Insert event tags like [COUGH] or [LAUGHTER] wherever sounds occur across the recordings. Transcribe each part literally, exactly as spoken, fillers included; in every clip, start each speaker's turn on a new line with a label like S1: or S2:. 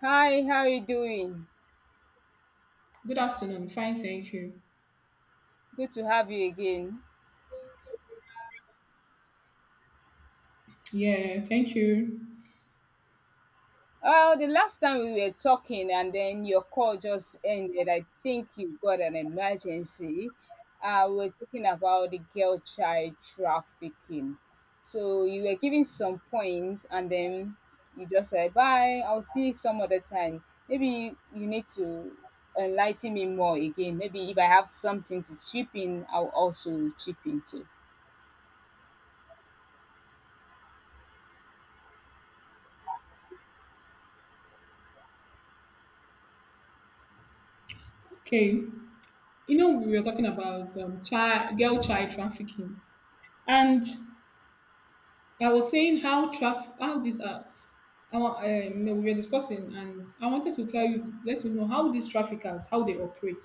S1: Hi, how are you doing?
S2: Good afternoon. Fine, thank you.
S1: Good to have you again.
S2: Yeah, thank you.
S1: Oh, the last time we were talking and then your call just ended. I think you got an emergency. Uh, we we're talking about the girl child trafficking. So you were giving some points and then you just said, bye, I'll see you some other time. Maybe you, you need to enlighten me more again. Maybe if I have something to chip in, I'll also chip in too.
S2: Okay. You know, we were talking about um, child, girl child trafficking, and I was saying how traf how these are. I wa- uh, you know, We were discussing, and I wanted to tell you, let you know how these traffickers how they operate.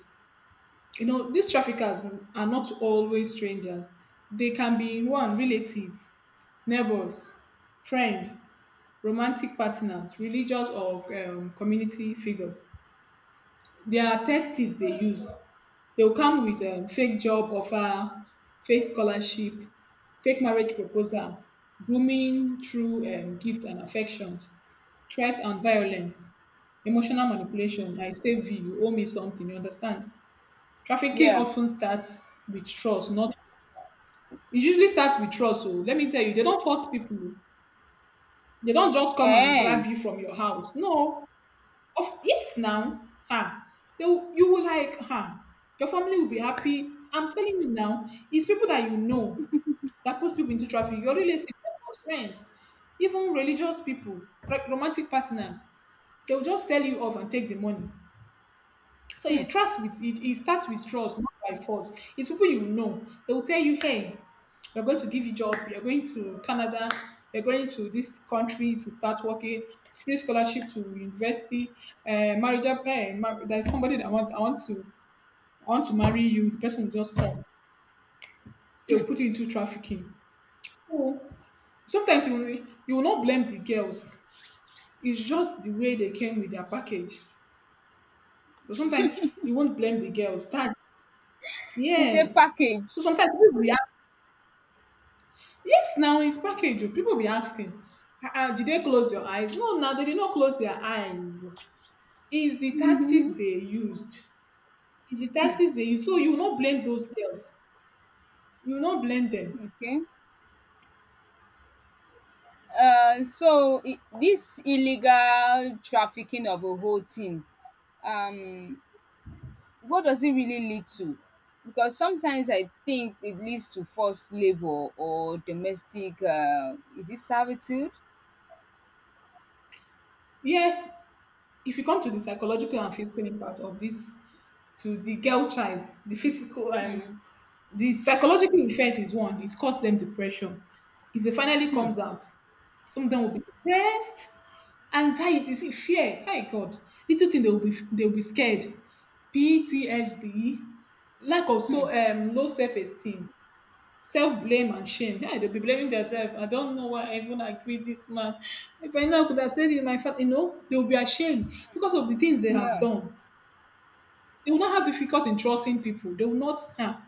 S2: You know, these traffickers are not always strangers. They can be one relatives, neighbors, friend, romantic partners, religious or um, community figures. Their tactics they use. They will come with um, fake job offer, fake scholarship, fake marriage proposal, grooming through um, gift and affections, threats and violence, emotional manipulation. I save you, you owe me something, you understand? Trafficking
S1: Yeah.
S2: often starts with trust, not, it usually starts with trust. So let me tell you, they don't force people. They don't just come and
S1: Eh.
S2: grab you from your house. No, of yes, now, ha, they will, you will like, ha, your family will be happy. I'm telling you now, it's people that you know that puts people into traffic. Your relatives, your friends, even religious people, ro- romantic partners, they will just tell you off and take the money. So it trust with it, it starts with trust, not by force. It's people you know. They will tell you, hey, we're going to give you job, you're going to Canada, you're going to this country to start working, free scholarship to university, uh, marriage up hey, mar- there's somebody that wants I want to I want to marry you, the person will just come. They'll put you into trafficking. So sometimes you will, you will not blame the girls. It's just the way they came with their package. But sometimes you won't blame the girls. That's.
S1: She said
S2: Yes. So
S1: package.
S2: sometimes people be asking, yes, now it's package. Oh. People be asking, "Ah, ah, did they close your eyes? No, now they did not close their eyes. It's the tactics they
S1: [LAUGHS]
S2: used. It's the tactics they used. So you will not blame those girls. You will not blame them."
S1: Okay. Uh, so i- this illegal trafficking of a whole thing, um, what does it really lead to? Because sometimes I think it leads to forced labor or domestic. Uh, is it servitude?
S2: Yeah, if you come to the psychological and physical impact of this to the girl child, the physical
S1: Mm.
S2: um, the psychological effect is one, it caused them depression. If they finally
S1: Hmm.
S2: comes out, some of them will be depressed, anxiety, see, fear. Hey God, little thing they will be they will be scared. P T S D, lack of
S1: Hmm.
S2: so um low self esteem, self blame and shame. Yeah, they'll be blaming themselves. I don't know why I even agreed this man. If I know I could have said it in my family, you know, they will be ashamed because of the things they have
S1: Yeah.
S2: done. They will not have difficult in trusting people. They will not. Huh?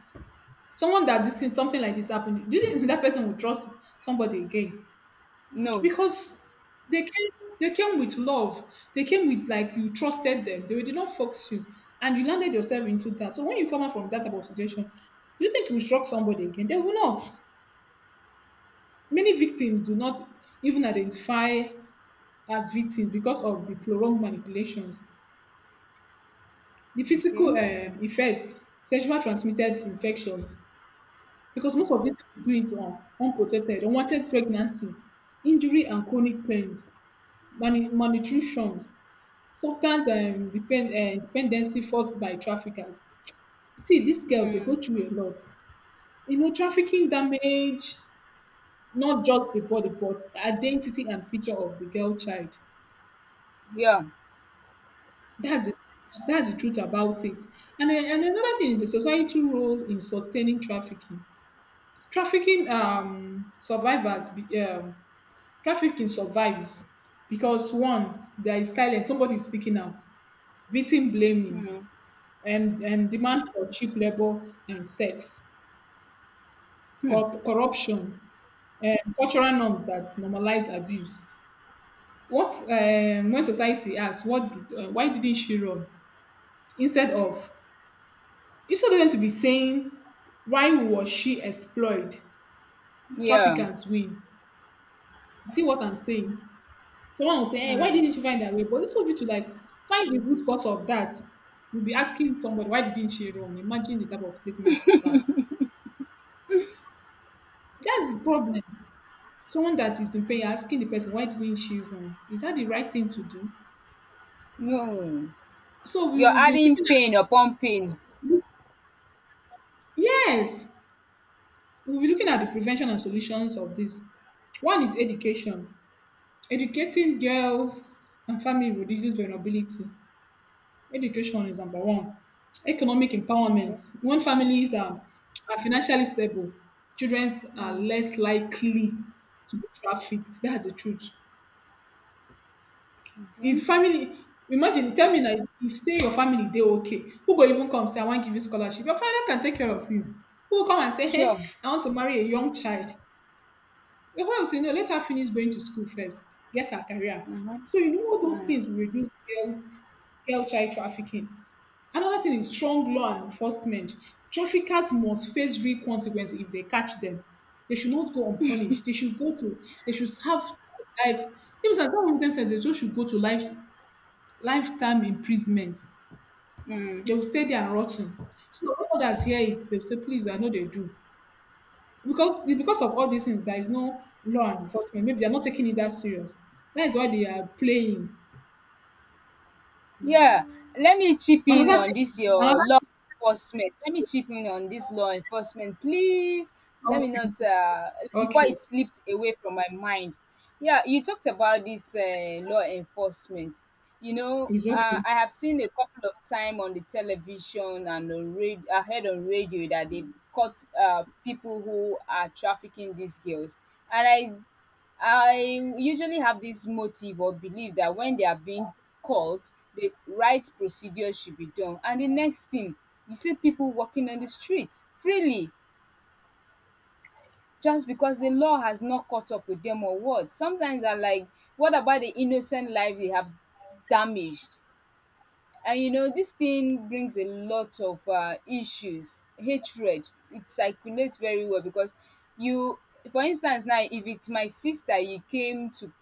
S2: Someone that this thing, something like this happened, do you think that person will trust somebody again?
S1: No.
S2: Because they came, they came with love. They came with like you trusted them. They did not fox you, and you landed yourself into that. So when you come out from that type of situation, do you think you will shock somebody again? They will not. Many victims do not even identify as victims because of the prolonged manipulations, the
S1: Okay.
S2: physical um, effect, sexual transmitted infections, because most of these people do it on unprotected, unwanted pregnancy, injury and chronic pains, mani- malnutritions, substance um, depend, uh, dependency forced by traffickers. See, these girls, they go
S1: Mm.
S2: through a lot. You know, trafficking damage not just the body, but the identity and future of the girl child.
S1: Yeah.
S2: That's the, that's the truth about it. And, then- and another thing is the societal role in sustaining trafficking. Trafficking um, survivors be, um, Trafficking survives because one, there is silence, nobody is speaking out, victim blaming,
S1: Mm.
S2: and, and demand for cheap labor and sex,
S1: Hmm.
S2: cor- corruption, and cultural norms that normalize abuse. What um, When society asks, what did, uh, why didn't she run? Instead of instead of them to be saying, why was she exploited?
S1: Yeah.
S2: Traffickers win. See what I'm saying? Someone will say, hey, why
S1: Mm.
S2: didn't you find that way? But it's for you to like find the root cause of that. You'll be asking somebody, why didn't she run? Imagine the type of statement is that. That's the problem. Someone that is in pain asking the person, why didn't she run? Is that the right thing to do?
S1: No.
S2: So we
S1: You're
S2: will be
S1: adding
S2: looking at,
S1: pain upon pain.
S2: yes, we'll be looking at the prevention and solutions of this. One is education, educating girls and family reduces vulnerability. Education is number one. Economic
S1: Okay.
S2: empowerment. When families are, are financially stable, children are
S1: Mm.
S2: less likely to be trafficked. That's the truth.
S1: Okay.
S2: If family, imagine, tell me that if say your family they okay, who go even come say I want give you scholarship? Your father can take care of you. Who will come and say,
S1: Sure.
S2: hey, I want to marry a young child? Your wife will say, no, let her finish going to school first, get her career.
S1: Mhm.
S2: So you know all those
S1: Mm.
S2: things will reduce girl, girl child trafficking. Another thing is strong law and enforcement. Traffickers must face real consequences if they catch them. They should not go unpunished. They should go to they should serve life. Even some some of them said they just should go to life lifetime imprisonment. They
S1: Mm.
S2: will stay there and rotten. So all others hear it, they'll say, please, I know they do. Because it's because of all these things, there is no law enforcement. Maybe they're not taking it that serious. That is why they are playing.
S1: Yeah. Let me chip in
S2: Another
S1: on
S2: thing
S1: this
S2: is
S1: your
S2: another.
S1: law enforcement. Let me chip in on this law enforcement, please. Let me
S2: Okay.
S1: not uh
S2: Okay.
S1: before it slipped away from my mind. Yeah, you talked about this uh, law enforcement. You know,
S2: It's
S1: uh,
S2: okay.
S1: I have seen a couple of time on the television and on radio, I heard on radio that they caught uh, people who are trafficking these girls, and I I usually have this motive or belief that when they are being called, the right procedure should be done. And the next thing, you see people walking on the street freely just because the law has not caught up with them or what. Sometimes I'm like, what about the innocent life they have damaged? And you know, this thing brings a lot of uh, issues, hatred. It circulates very well because you, for instance, now if it's my sister, you came to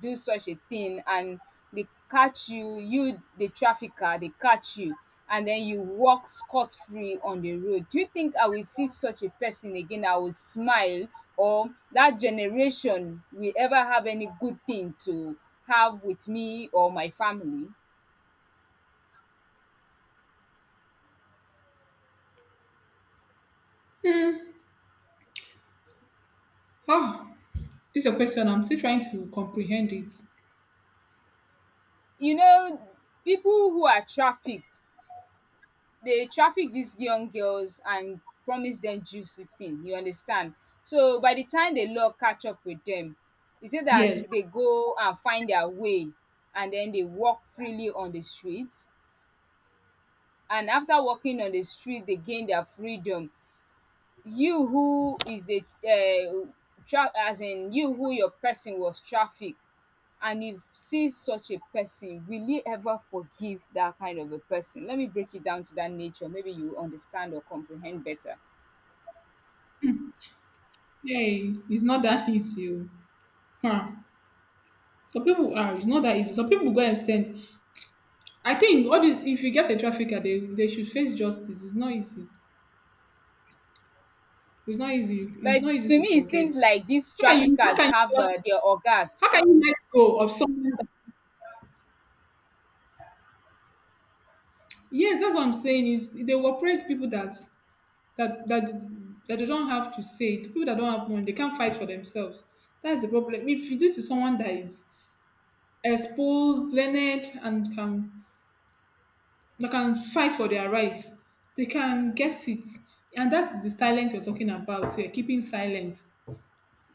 S1: do such a thing and they catch you, you, the trafficker, they catch you, and then you walk scot free on the road. Do you think I will see such a person again? I will smile, or that generation will ever have any good thing to have with me or my family?
S2: Ah, this is your question. I'm still trying to comprehend it.
S1: You know, people who are trafficked, they traffic these young girls and promise them juicy thing, you understand? So by the time the law catch up with them, e say that
S2: Yes.
S1: they go and find their way and then they walk freely on the street, and after walking on the street they gain their freedom. You who is the um tra as in you who your person was trafficked and you see such a person, will you ever forgive that kind of a person? Let me break it down to that nature. Maybe you will understand or comprehend better.
S2: Yay. It's not that easy. Oh. Huh. Some people are, it's not that easy. Some people go and stand. I think all this, if you get a trafficker, they, they should face justice. It's not easy. It's not easy. It's
S1: But
S2: not easy
S1: to
S2: to
S1: me, it
S2: forget.
S1: seems like these
S2: How can you how
S1: traffickers
S2: can you
S1: have
S2: just
S1: uh, their orgas.
S2: how can you let go of someone. Yes, that's what I'm saying. Is they will praise people that that that that they don't have to say it. People that don't have money, they can't fight for themselves. That's the problem. If you do to someone that is exposed, learned, and can that can fight for their rights, they can get it. And that is the silence you're talking about. You're keeping silent.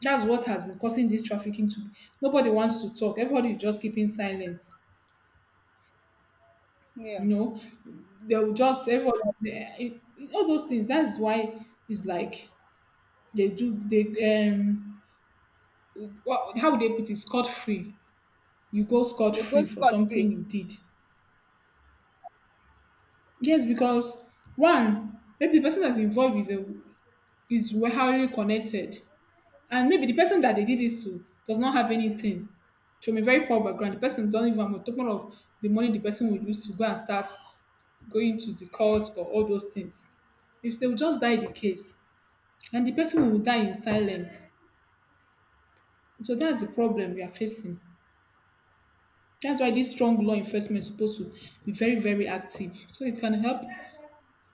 S2: That's what has been causing this trafficking to, nobody wants to talk. Everybody is just keeping silent.
S1: Yeah,
S2: You know, they'll just everybody all those things. That's why it's like They do they um what how would they put it? Scot free. You go scot
S1: they go
S2: free for
S1: scot free.
S2: something you did. Yes, because one, maybe the person that's involved is a, is highly connected. And maybe the person that they did this to does not have anything. From a very poor background, the person don't even, I'm talking of the money the person will use to go and start going to the court or all those things. If they will just die the case, and the person will die in silence. So that's the problem we are facing. That's why this strong law enforcement is supposed to be very, very active so it can help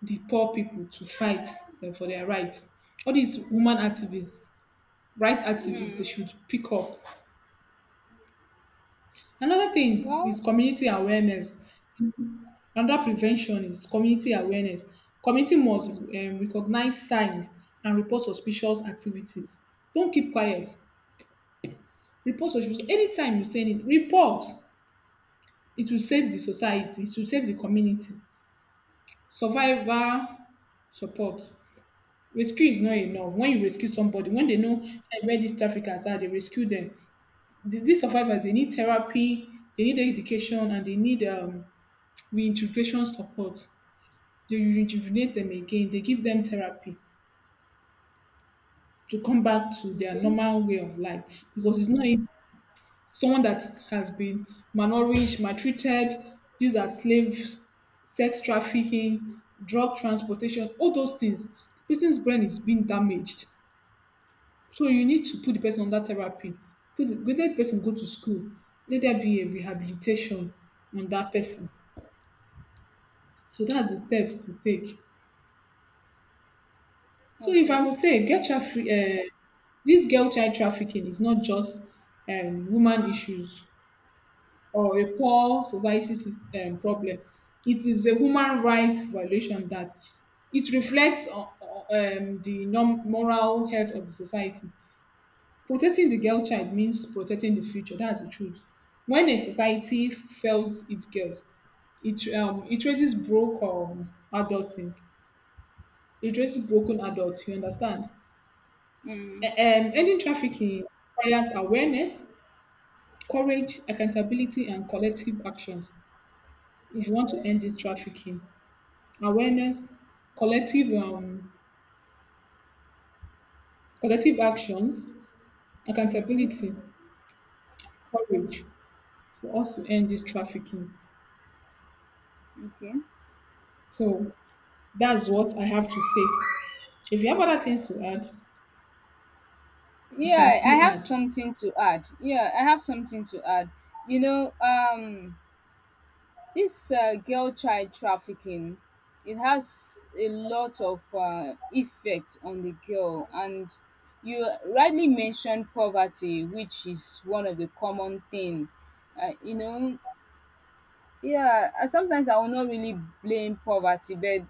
S2: the poor people to fight uh, for their rights. All these women activists, rights activists,
S1: Hmm.
S2: they should pick up. Another thing
S1: Well,
S2: is community awareness. Another prevention is community awareness. Community must um, recognize signs and report suspicious activities. Don't keep quiet. Report suspicious. Anytime you say it, report. It will save the society. It will save the community. Survivor support. Rescue is not
S1: hmm.
S2: enough. When you rescue somebody, when they know eh, where these traffickers are, they rescue them. Th- These survivors, they need therapy, they need education, and they need um, reintegration support. They rejuvenate them again. They give them therapy to come back to their
S1: Okay.
S2: normal way of life because it's not easy someone that has been malnourished, maltreated, used as slaves, sex trafficking, drug transportation, all those things, the person's brain is being damaged. So you need to put the person under therapy. Put the, let the person go to school. Let there be a rehabilitation on that person. So that's the steps to take. So if I
S1: Okay.
S2: would say get traffic, uh, this girl child trafficking is not just um, woman issues or a poor society sys- um, problem. It is a human rights violation that it reflects o- o- um, the norm- moral health of the society. Protecting the girl child means protecting the future. That's the truth. When a society f- fails its girls, it um it raises broken um adulting. It raises broken adults. You understand? A-
S1: Hmm.
S2: Um, ending trafficking requires awareness, courage, accountability, and collective actions. If you want to end this trafficking, awareness, collective um, collective actions,
S1: Mm-hmm.
S2: accountability, courage for us to end this trafficking.
S1: Okay.
S2: So that's what I have to say. If you have other things to add, you can
S1: Yeah, I
S2: still
S1: have
S2: add.
S1: something to add. Yeah, I have something to add. You know, um, This uh, girl child trafficking, it has a lot of uh, effect on the girl, and you rightly mentioned poverty, which is one of the common thing. Uh, you know, yeah. I- Sometimes I will not really blame poverty, but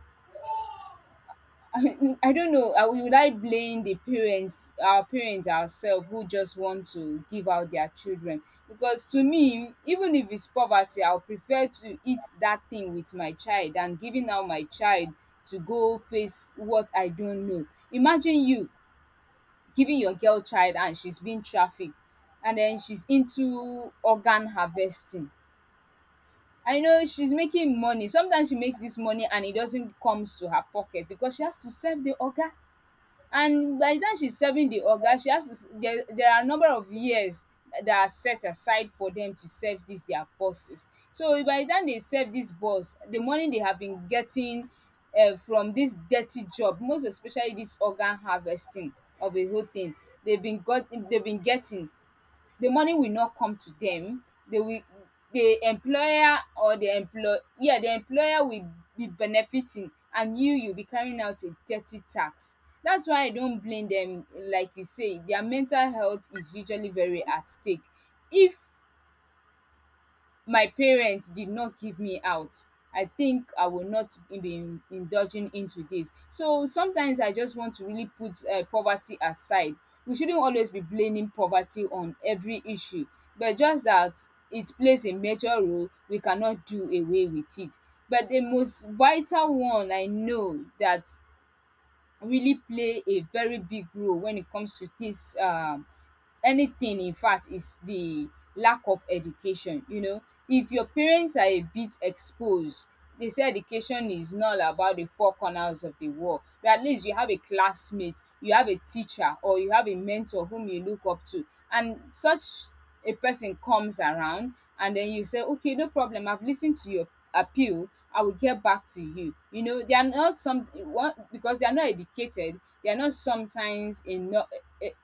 S1: [LAUGHS] I don't know. Uh, would I blame the parents, our parents ourselves, who just want to give out their children? Because to me, even if it's poverty, I'll prefer to eat that thing with my child than giving out my child to go face what I don't know. Imagine you giving your girl child and she's being trafficked, and then she's into organ harvesting. I know she's making money. Sometimes she makes this money and it doesn't comes to her pocket because she has to serve the organ, and by the time she's serving the oga she has to s there there are a number of years that are set aside for them to serve this their bosses. So by the time they serve this boss, the money they have been getting um from this dirty job, most especially this organ harvesting of a whole thing, they have been got they have been getting, the money will not come to them. they will the employer or the employ yeah the employer will be benefiting, and you you'll be carrying out a dirty tax. That's why I don't blame them. Like you say, their mental health is usually very at stake. If my parents did not give me out, I think I will not be in- indulging into this. So sometimes I just want to really put uh, poverty aside. We shouldn't always be blaming poverty on every issue, but just that it plays a major role. We cannot do away with it. But the most vital one I know that really play a very big role when it comes to this um anything in fact is the lack of education. You know, if your parents are a bit exposed, they say education is not about the four corners of the world, but at least you have a classmate, you have a teacher, or you have a mentor whom you look up to, and such a person comes around and then you say, okay, no problem, I've listened to your appeal, I will get back to you. You know, they are not some one because they are not educated. They are not sometimes enough,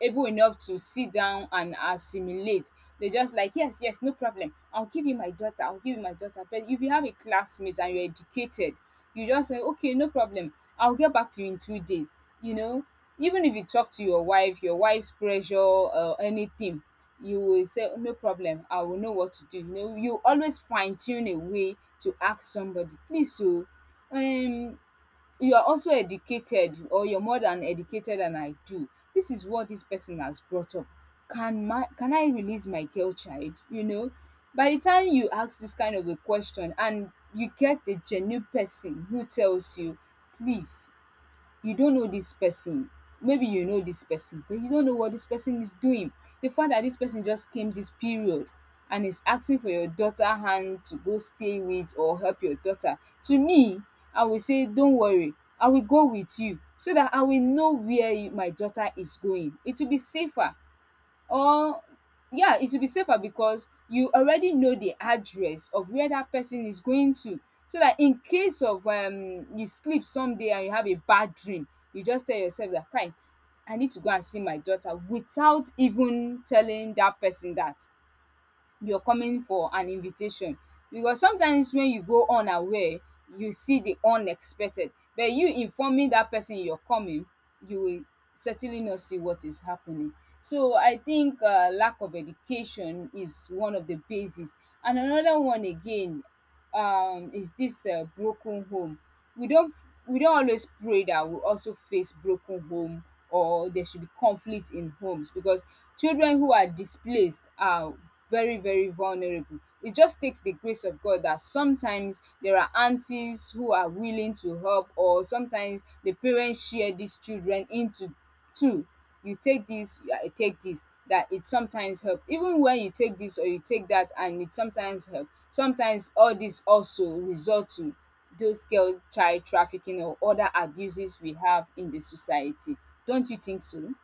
S1: able enough to sit down and assimilate. They just like, yes, yes, no problem, I'll give you my daughter, I'll give you my daughter. But if you have a classmate and you're educated, you just say, okay, no problem, I'll get back to you in two days. You know, even if you talk to your wife, your wife's pressure or anything, you will say, "Oh, no problem, I will know what to do." No, you always fine tune a way to ask somebody, please. So, um, you are also educated, or you're more than educated than I do. This is what this person has brought up. Can my can I release my girl child? You know, by the time you ask this kind of a question and you get the genuine person who tells you, please, you don't know this person. Maybe you know this person, but you don't know what this person is doing. The fact that this person just came this period and is asking for your daughter hand to go stay with or help your daughter, to me, I will say, don't worry, I will go with you, so that I will know where you, my daughter is going. It will be safer. Or, yeah, it will be safer because you already know the address of where that person is going to. So that in case of um you sleep someday and you have a bad dream, you just tell yourself that kai, I need to go and see my daughter without even telling that person that you're coming, for an invitation. Because sometimes when you go unaware, you see the unexpected. But you informing that person you're coming, you will certainly not see what is happening. So I think uh, lack of education is one of the bases, and another one again um is this uh, broken home. we don't we don't always pray that we also face broken home, or there should be conflict in homes, because children who are displaced are very very vulnerable. It just takes the grace of God that sometimes there are aunties who are willing to help, or sometimes the parents share these children into two. You take this, you are- take this, that it sometimes help. Even when you take this or you take that, and it sometimes help, sometimes all this also result to those girl child trafficking or other abuses we have in the society. Don't you think so?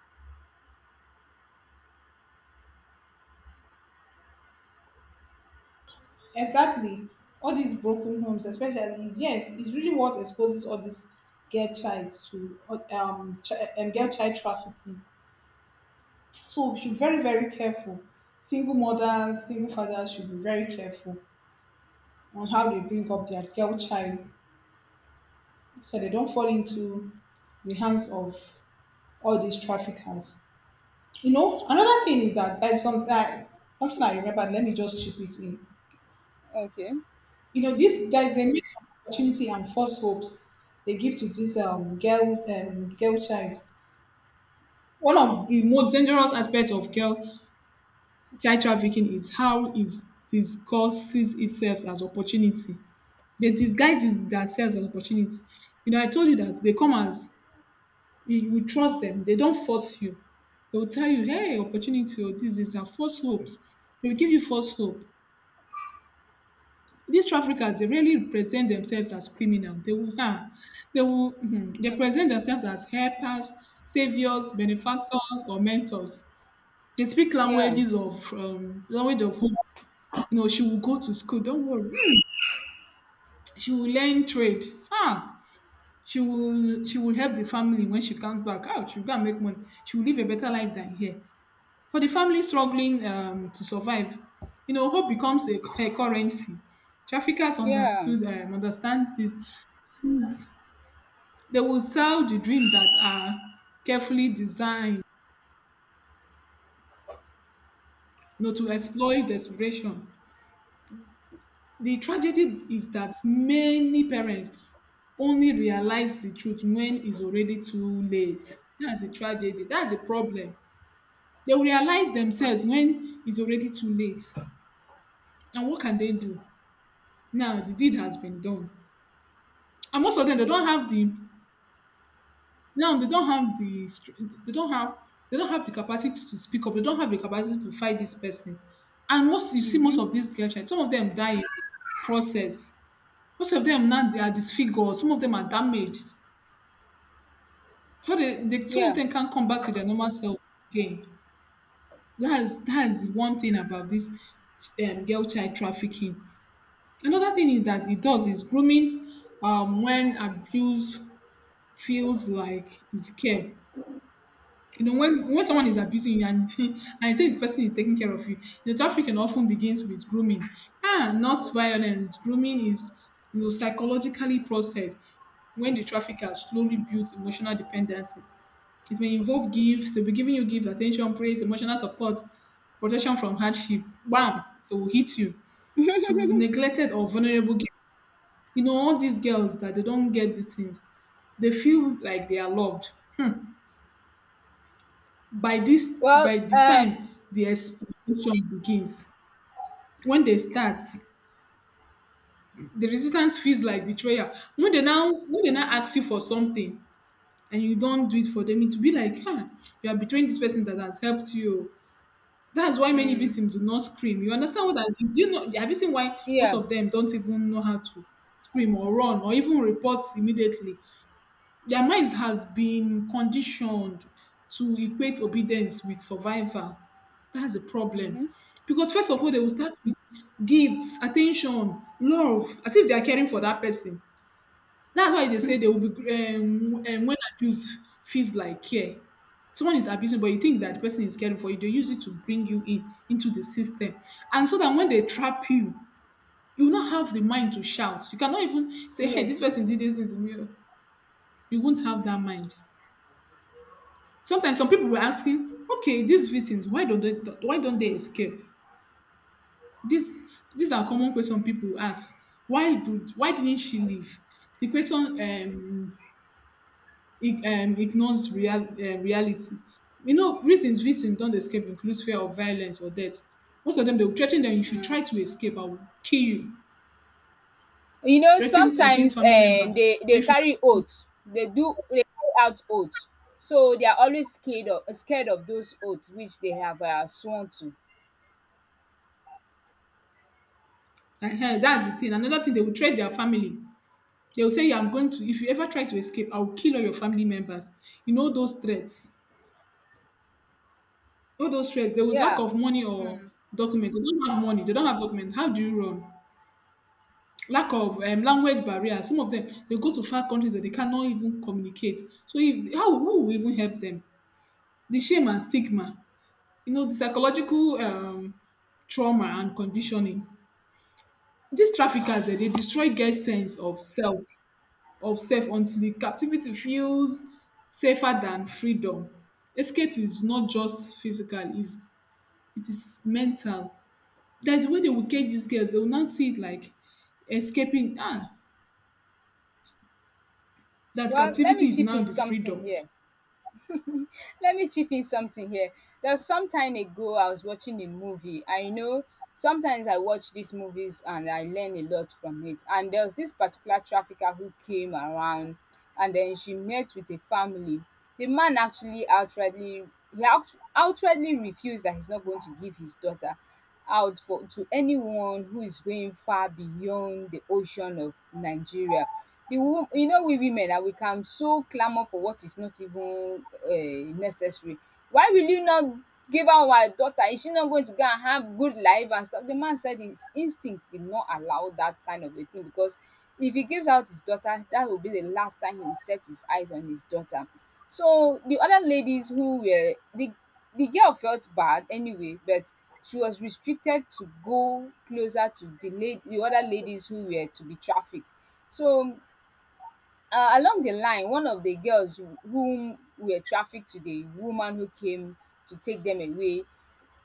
S2: Exactly. All these broken homes, especially, is yes, is really what exposes all this girl child to um, ch- um girl child trafficking. So we should be very very careful. Single mothers, single fathers should be very careful. On how they bring up their girl child so they don't fall into the hands of all these traffickers. You know, another thing is that there's something something I remember. Let me just chip it in.
S1: Okay.
S2: You know, this there's a mix of opportunity and false hopes they give to these um girl um girl child. One of the most dangerous aspects of girl child trafficking is how it disguises itself as opportunity. They disguise it- themselves as opportunity. You know, I told you that they come as you will trust them. They don't force you. They will tell you, hey, opportunity or this, this, and false hopes. They will give you false hope. These traffickers, they really present themselves as criminal. They will, huh, they will, mhm, they
S1: Mm.
S2: present themselves as helpers, saviors, benefactors, or mentors. They speak
S1: Yeah.
S2: languages of um, language of hope. You know, she will go to school. Don't worry. She will learn trade. Ah, she will she will help the family when she comes back. Out, she'll go and make money. She will live a better life than here. For the family struggling um, to survive, you know, hope becomes a, [LAUGHS] a currency. Traffickers
S1: Yeah.
S2: understood um, understand this. And They will sell the dream that are carefully designed, you know, to exploit desperation. The tragedy is that many parents only realize the truth when it's already too late. That's a tragedy. That's a problem. They will realize themselves when it's already too late. And what can they do? Now, the deed has been done. And most of them they don't have the now they don't have the str- they don't have they don't have the capacity to, to speak up. They don't have the capacity to fight this person. And most, you see, most
S1: Mm-hmm.
S2: of these girl child, some of them die in the process. Most of them now they are disfigured, some of them are damaged before they, they some of
S1: Yeah.
S2: them can't come back to their normal self again. That is that is one thing about this um, girl child trafficking. Another thing is that it does is grooming, um, when abuse feels like it's care. You know, when, when someone is abusing you and, [LAUGHS] and you think the person is taking care of you, the trafficking often begins with grooming. Ah, not violence. Grooming is, you know, psychologically processed when the trafficker slowly builds emotional dependency. It may involve gifts, they'll be giving you gifts, attention, praise, emotional support, protection from hardship. Bam, they will hit you to neglected or vulnerable girls. You know, all these girls that they don't get these things, they feel like they are loved by this,
S1: Well,
S2: by the
S1: um,
S2: time the exploitation begins. When they start, the resistance feels like betrayal. When they now when they now ask you for something and you don't do it for them, it will be like um you are betraying this person that has helped you. That's why many
S1: mm,
S2: victims do not scream. You understand what that is? Do you know, have you seen why most
S1: yeah.
S2: of them don't even know how to scream or run or even report immediately? Their minds have been conditioned to equate obedience with survival. That's a problem.
S1: Mm-hmm.
S2: Because first of all, they will start with gifts, attention, love, as if they are caring for that person. That's why they say they will be um, um, when abuse feels like care. Someone is abusing, but you think that the person is caring for you. They use it to bring you in into the system, and so that when they trap you, you will not have the mind to shout. You cannot even say, "Hey,
S1: No.
S2: this person did this thing to me." oh." You won't have that mind. Sometimes some people were asking, okay, these victims, why don't they why don't they escape? This these are common question people ask. Why do why didn't she leave? The question um, ig- um ignores real uh, reality. You know, reasons victims don't escape includes fear of violence or death. Most of them they will threaten them, if you
S1: Mm.
S2: try to escape, I will kill you.
S1: You know,
S2: Threatened against
S1: sometimes
S2: family members.
S1: um, they,
S2: Or
S1: they
S2: if you
S1: carry oaths. They do they carry out oaths. So they are always scared of scared of those oaths which they have uh, sworn to.
S2: uh, that's the thing. Another thing, they will threat their family. They will say, yeah, I'm going to, if you ever try to escape, I will kill all your family members. You know, those threats, all those threats, they would lack
S1: Yeah.
S2: of money or
S1: Mm.
S2: documents. They don't have money, they don't have documents. How do you run? Lack of um, language barrier. Some of them, they go to far countries that they cannot even communicate. So, if, how who will even help them? The shame and stigma, you know, the psychological um, trauma and conditioning. These traffickers, eh, they destroy girls' sense of self of self until captivity feels safer than freedom. Escape is not just physical, it's, it is mental. There's a way they will cage these girls, they will not see it like escaping. Ah, that
S1: Well, let me
S2: captivity is
S1: chip
S2: now
S1: in
S2: the
S1: something
S2: freedom.
S1: here. [LAUGHS] Let me chip in something here. There was some time ago I was watching a movie. I know sometimes I watch these movies and I learn a lot from it. And there was this particular trafficker who came around and then she met with a family. The man actually outrightly he out, outwardly refused that he's not going to give his daughter out for to anyone who is going far beyond the ocean of Nigeria. The wo You know, we women that we can so clamour for what is not even um necessary. Why will you not give out our daughter? Is she not going to go and have good life and stuff? The man said his instinct did not allow that kind of a thing, because if he gives out his daughter, that will be the last time he will set his eyes on his daughter. So the other ladies who were the the girl felt bad anyway, but she was restricted to go closer to the la the other ladies who were to be trafficked. So, um, uh, Along the line, one of the girls who- whom were trafficked to the woman who came to take them away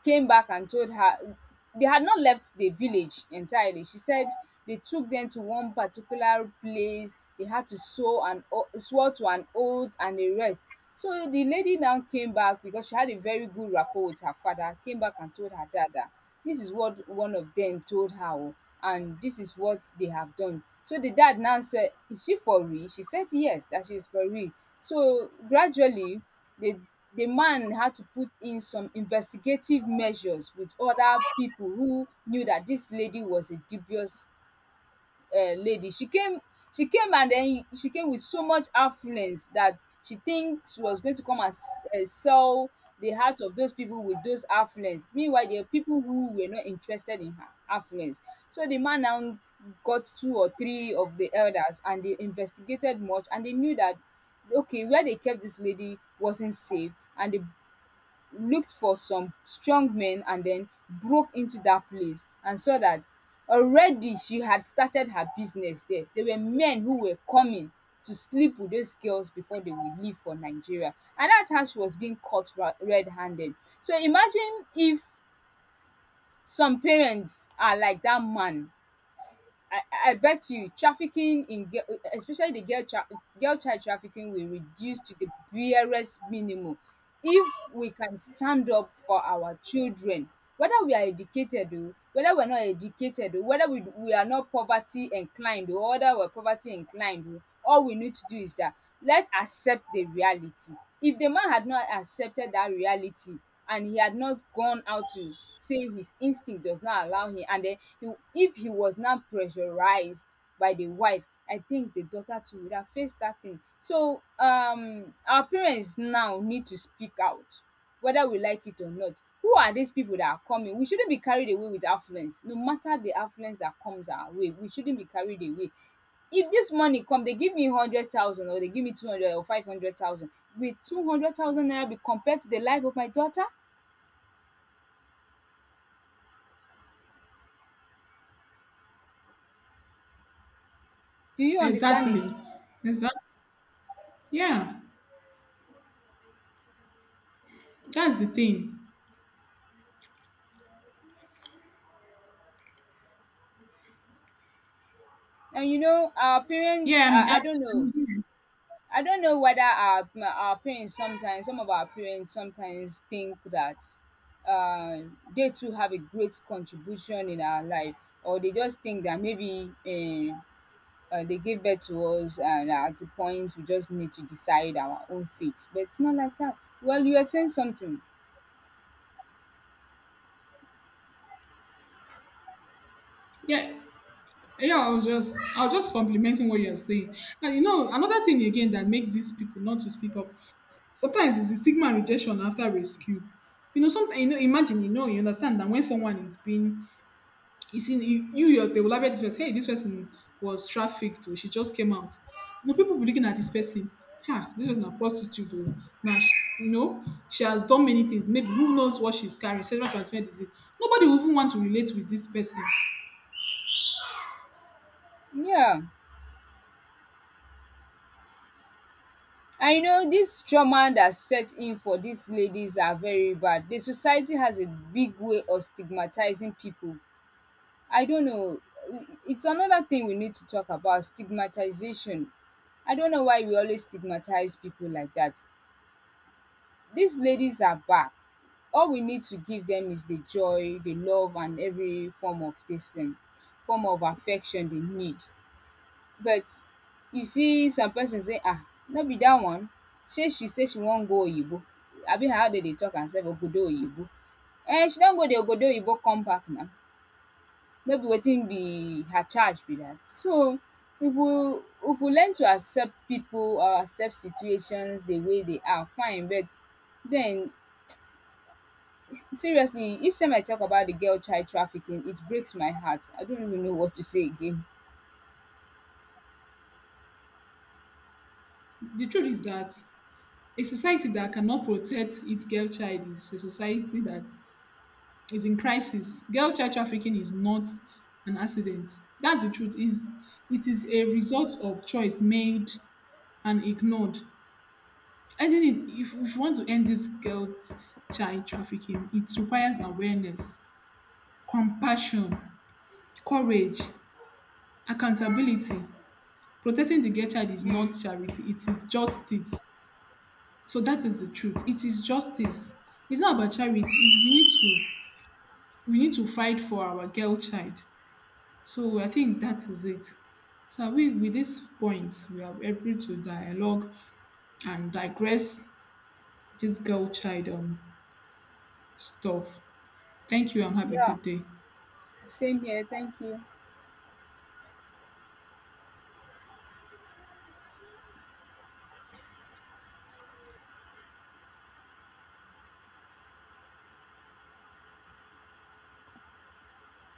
S1: came back and told her they had not left the village entirely. She said they took them to one particular place. They had to sew an o- swear to an oath and a rest. So the lady now came back because she had a very good rapport with her father. Came back and told her dad that this is what one of them told her, oh, and this is what they have done. So the dad now said, "Is she for real?" She said yes, that she is for real. So gradually, they the man had to put in some investigative measures with other people who knew that this lady was a dubious uh, lady. She came she came and then she came with so much affluence that she thinks she was going to come and s- uh, sell the heart of those people with those affluence. Meanwhile, there are people who were not interested in her affluence. So the man now got two or three of the elders and they investigated much, and they knew that okay, where they kept this lady wasn't safe, and they looked for some strong men and then broke into that place and saw that already she had started her business there. There were men who were coming to sleep with those girls before they will leave for Nigeria. And that's how she was being caught ra- red handed. So imagine if some parents are like that man. I, I I bet you trafficking in girl, especially the girl, tra- girl child trafficking will reduce to the barest minimum if we can stand up for our children, whether we are educated o, whether we are not educated o, whether we we are not poverty inclined o, whether we are poverty inclined o. All we need to do is that let's accept the reality. If the man had not accepted that reality and he had not gone out to say his instinct does not allow him, and then he, if he was not pressurized by the wife, I think the daughter too would have faced that thing. So um our parents now need to speak out, whether we like it or not. Who are these people that are coming? We shouldn't be carried away with affluence. No matter the affluence that comes our way, we shouldn't be carried away. If this money come, they give me hundred thousand, or they give me two hundred or five hundred thousand. With two hundred thousand naira be compared to the life of my daughter? Do you understand it?
S2: Exactly. Exactly. Yeah, that's the thing.
S1: And you know, our parents,
S2: Yeah,
S1: uh,
S2: I'm, I'm,
S1: I don't
S2: I'm
S1: know.
S2: here.
S1: I don't know whether our our parents sometimes, some of our parents sometimes think that uh, they too have a great contribution in our life, or they just think that maybe uh, uh, they gave birth to us and at the point we just need to decide our own fate. But it's not like that. Well, you are saying something.
S2: Yeah, yeah, I was just I was just complimenting what you're saying. And you know, another thing again that make these people not to speak up s- sometimes is the stigma and rejection after rescue. You know, sometimes you know, imagine, you know, you understand that when someone is being you see you, you yours, they will label this person, hey, this person was trafficked or she just came out. You know, people will be looking at this person, huh, this person a prostitute or now she, you know, she has done many things. Maybe who knows what she's carrying, sexual transmitted disease. Nobody will even want to relate with this person.
S1: Yeah. I know this trauma that set in for these ladies are very bad. The society has a big way of stigmatizing people. I don't know. Uh, It's another thing, we need to talk about stigmatization. I don't know why we always stigmatize people like that. These ladies are back. All we need to give them is the joy, the love, and every form of this thing, form of affection they need. But you see, some person say, ah, no be that one. Shey she say she wan go oyinbo. Abi na how dem dey talk am sef, obodo oyinbo. Eh, she don go the obodo oyinbo come back now. No be wetin be her charge be dat. So if we if we learn to accept pipu or accept situations the way they are, fine, but then, seriously, each time I talk about the girl child trafficking, it breaks my heart. I don't even know what to say again.
S2: The truth is that a society that cannot protect its girl child is a society that is in crisis. Girl child trafficking is not an accident. That's the truth. Is it is a result of choice made and ignored. Ending it, if, if we want to end this girl child trafficking, it requires awareness, compassion, courage, accountability. Protecting the girl child is
S1: Mm,
S2: not charity. It is justice. So that is the truth. It is justice. It's not about charity. It's we need to we need to fight for our girl child. So I think that is it. So we, with these points, we are able to dialogue and digress this girl child um, stuff. Thank you and have a
S1: yeah,
S2: good day.
S1: same here. Thank you.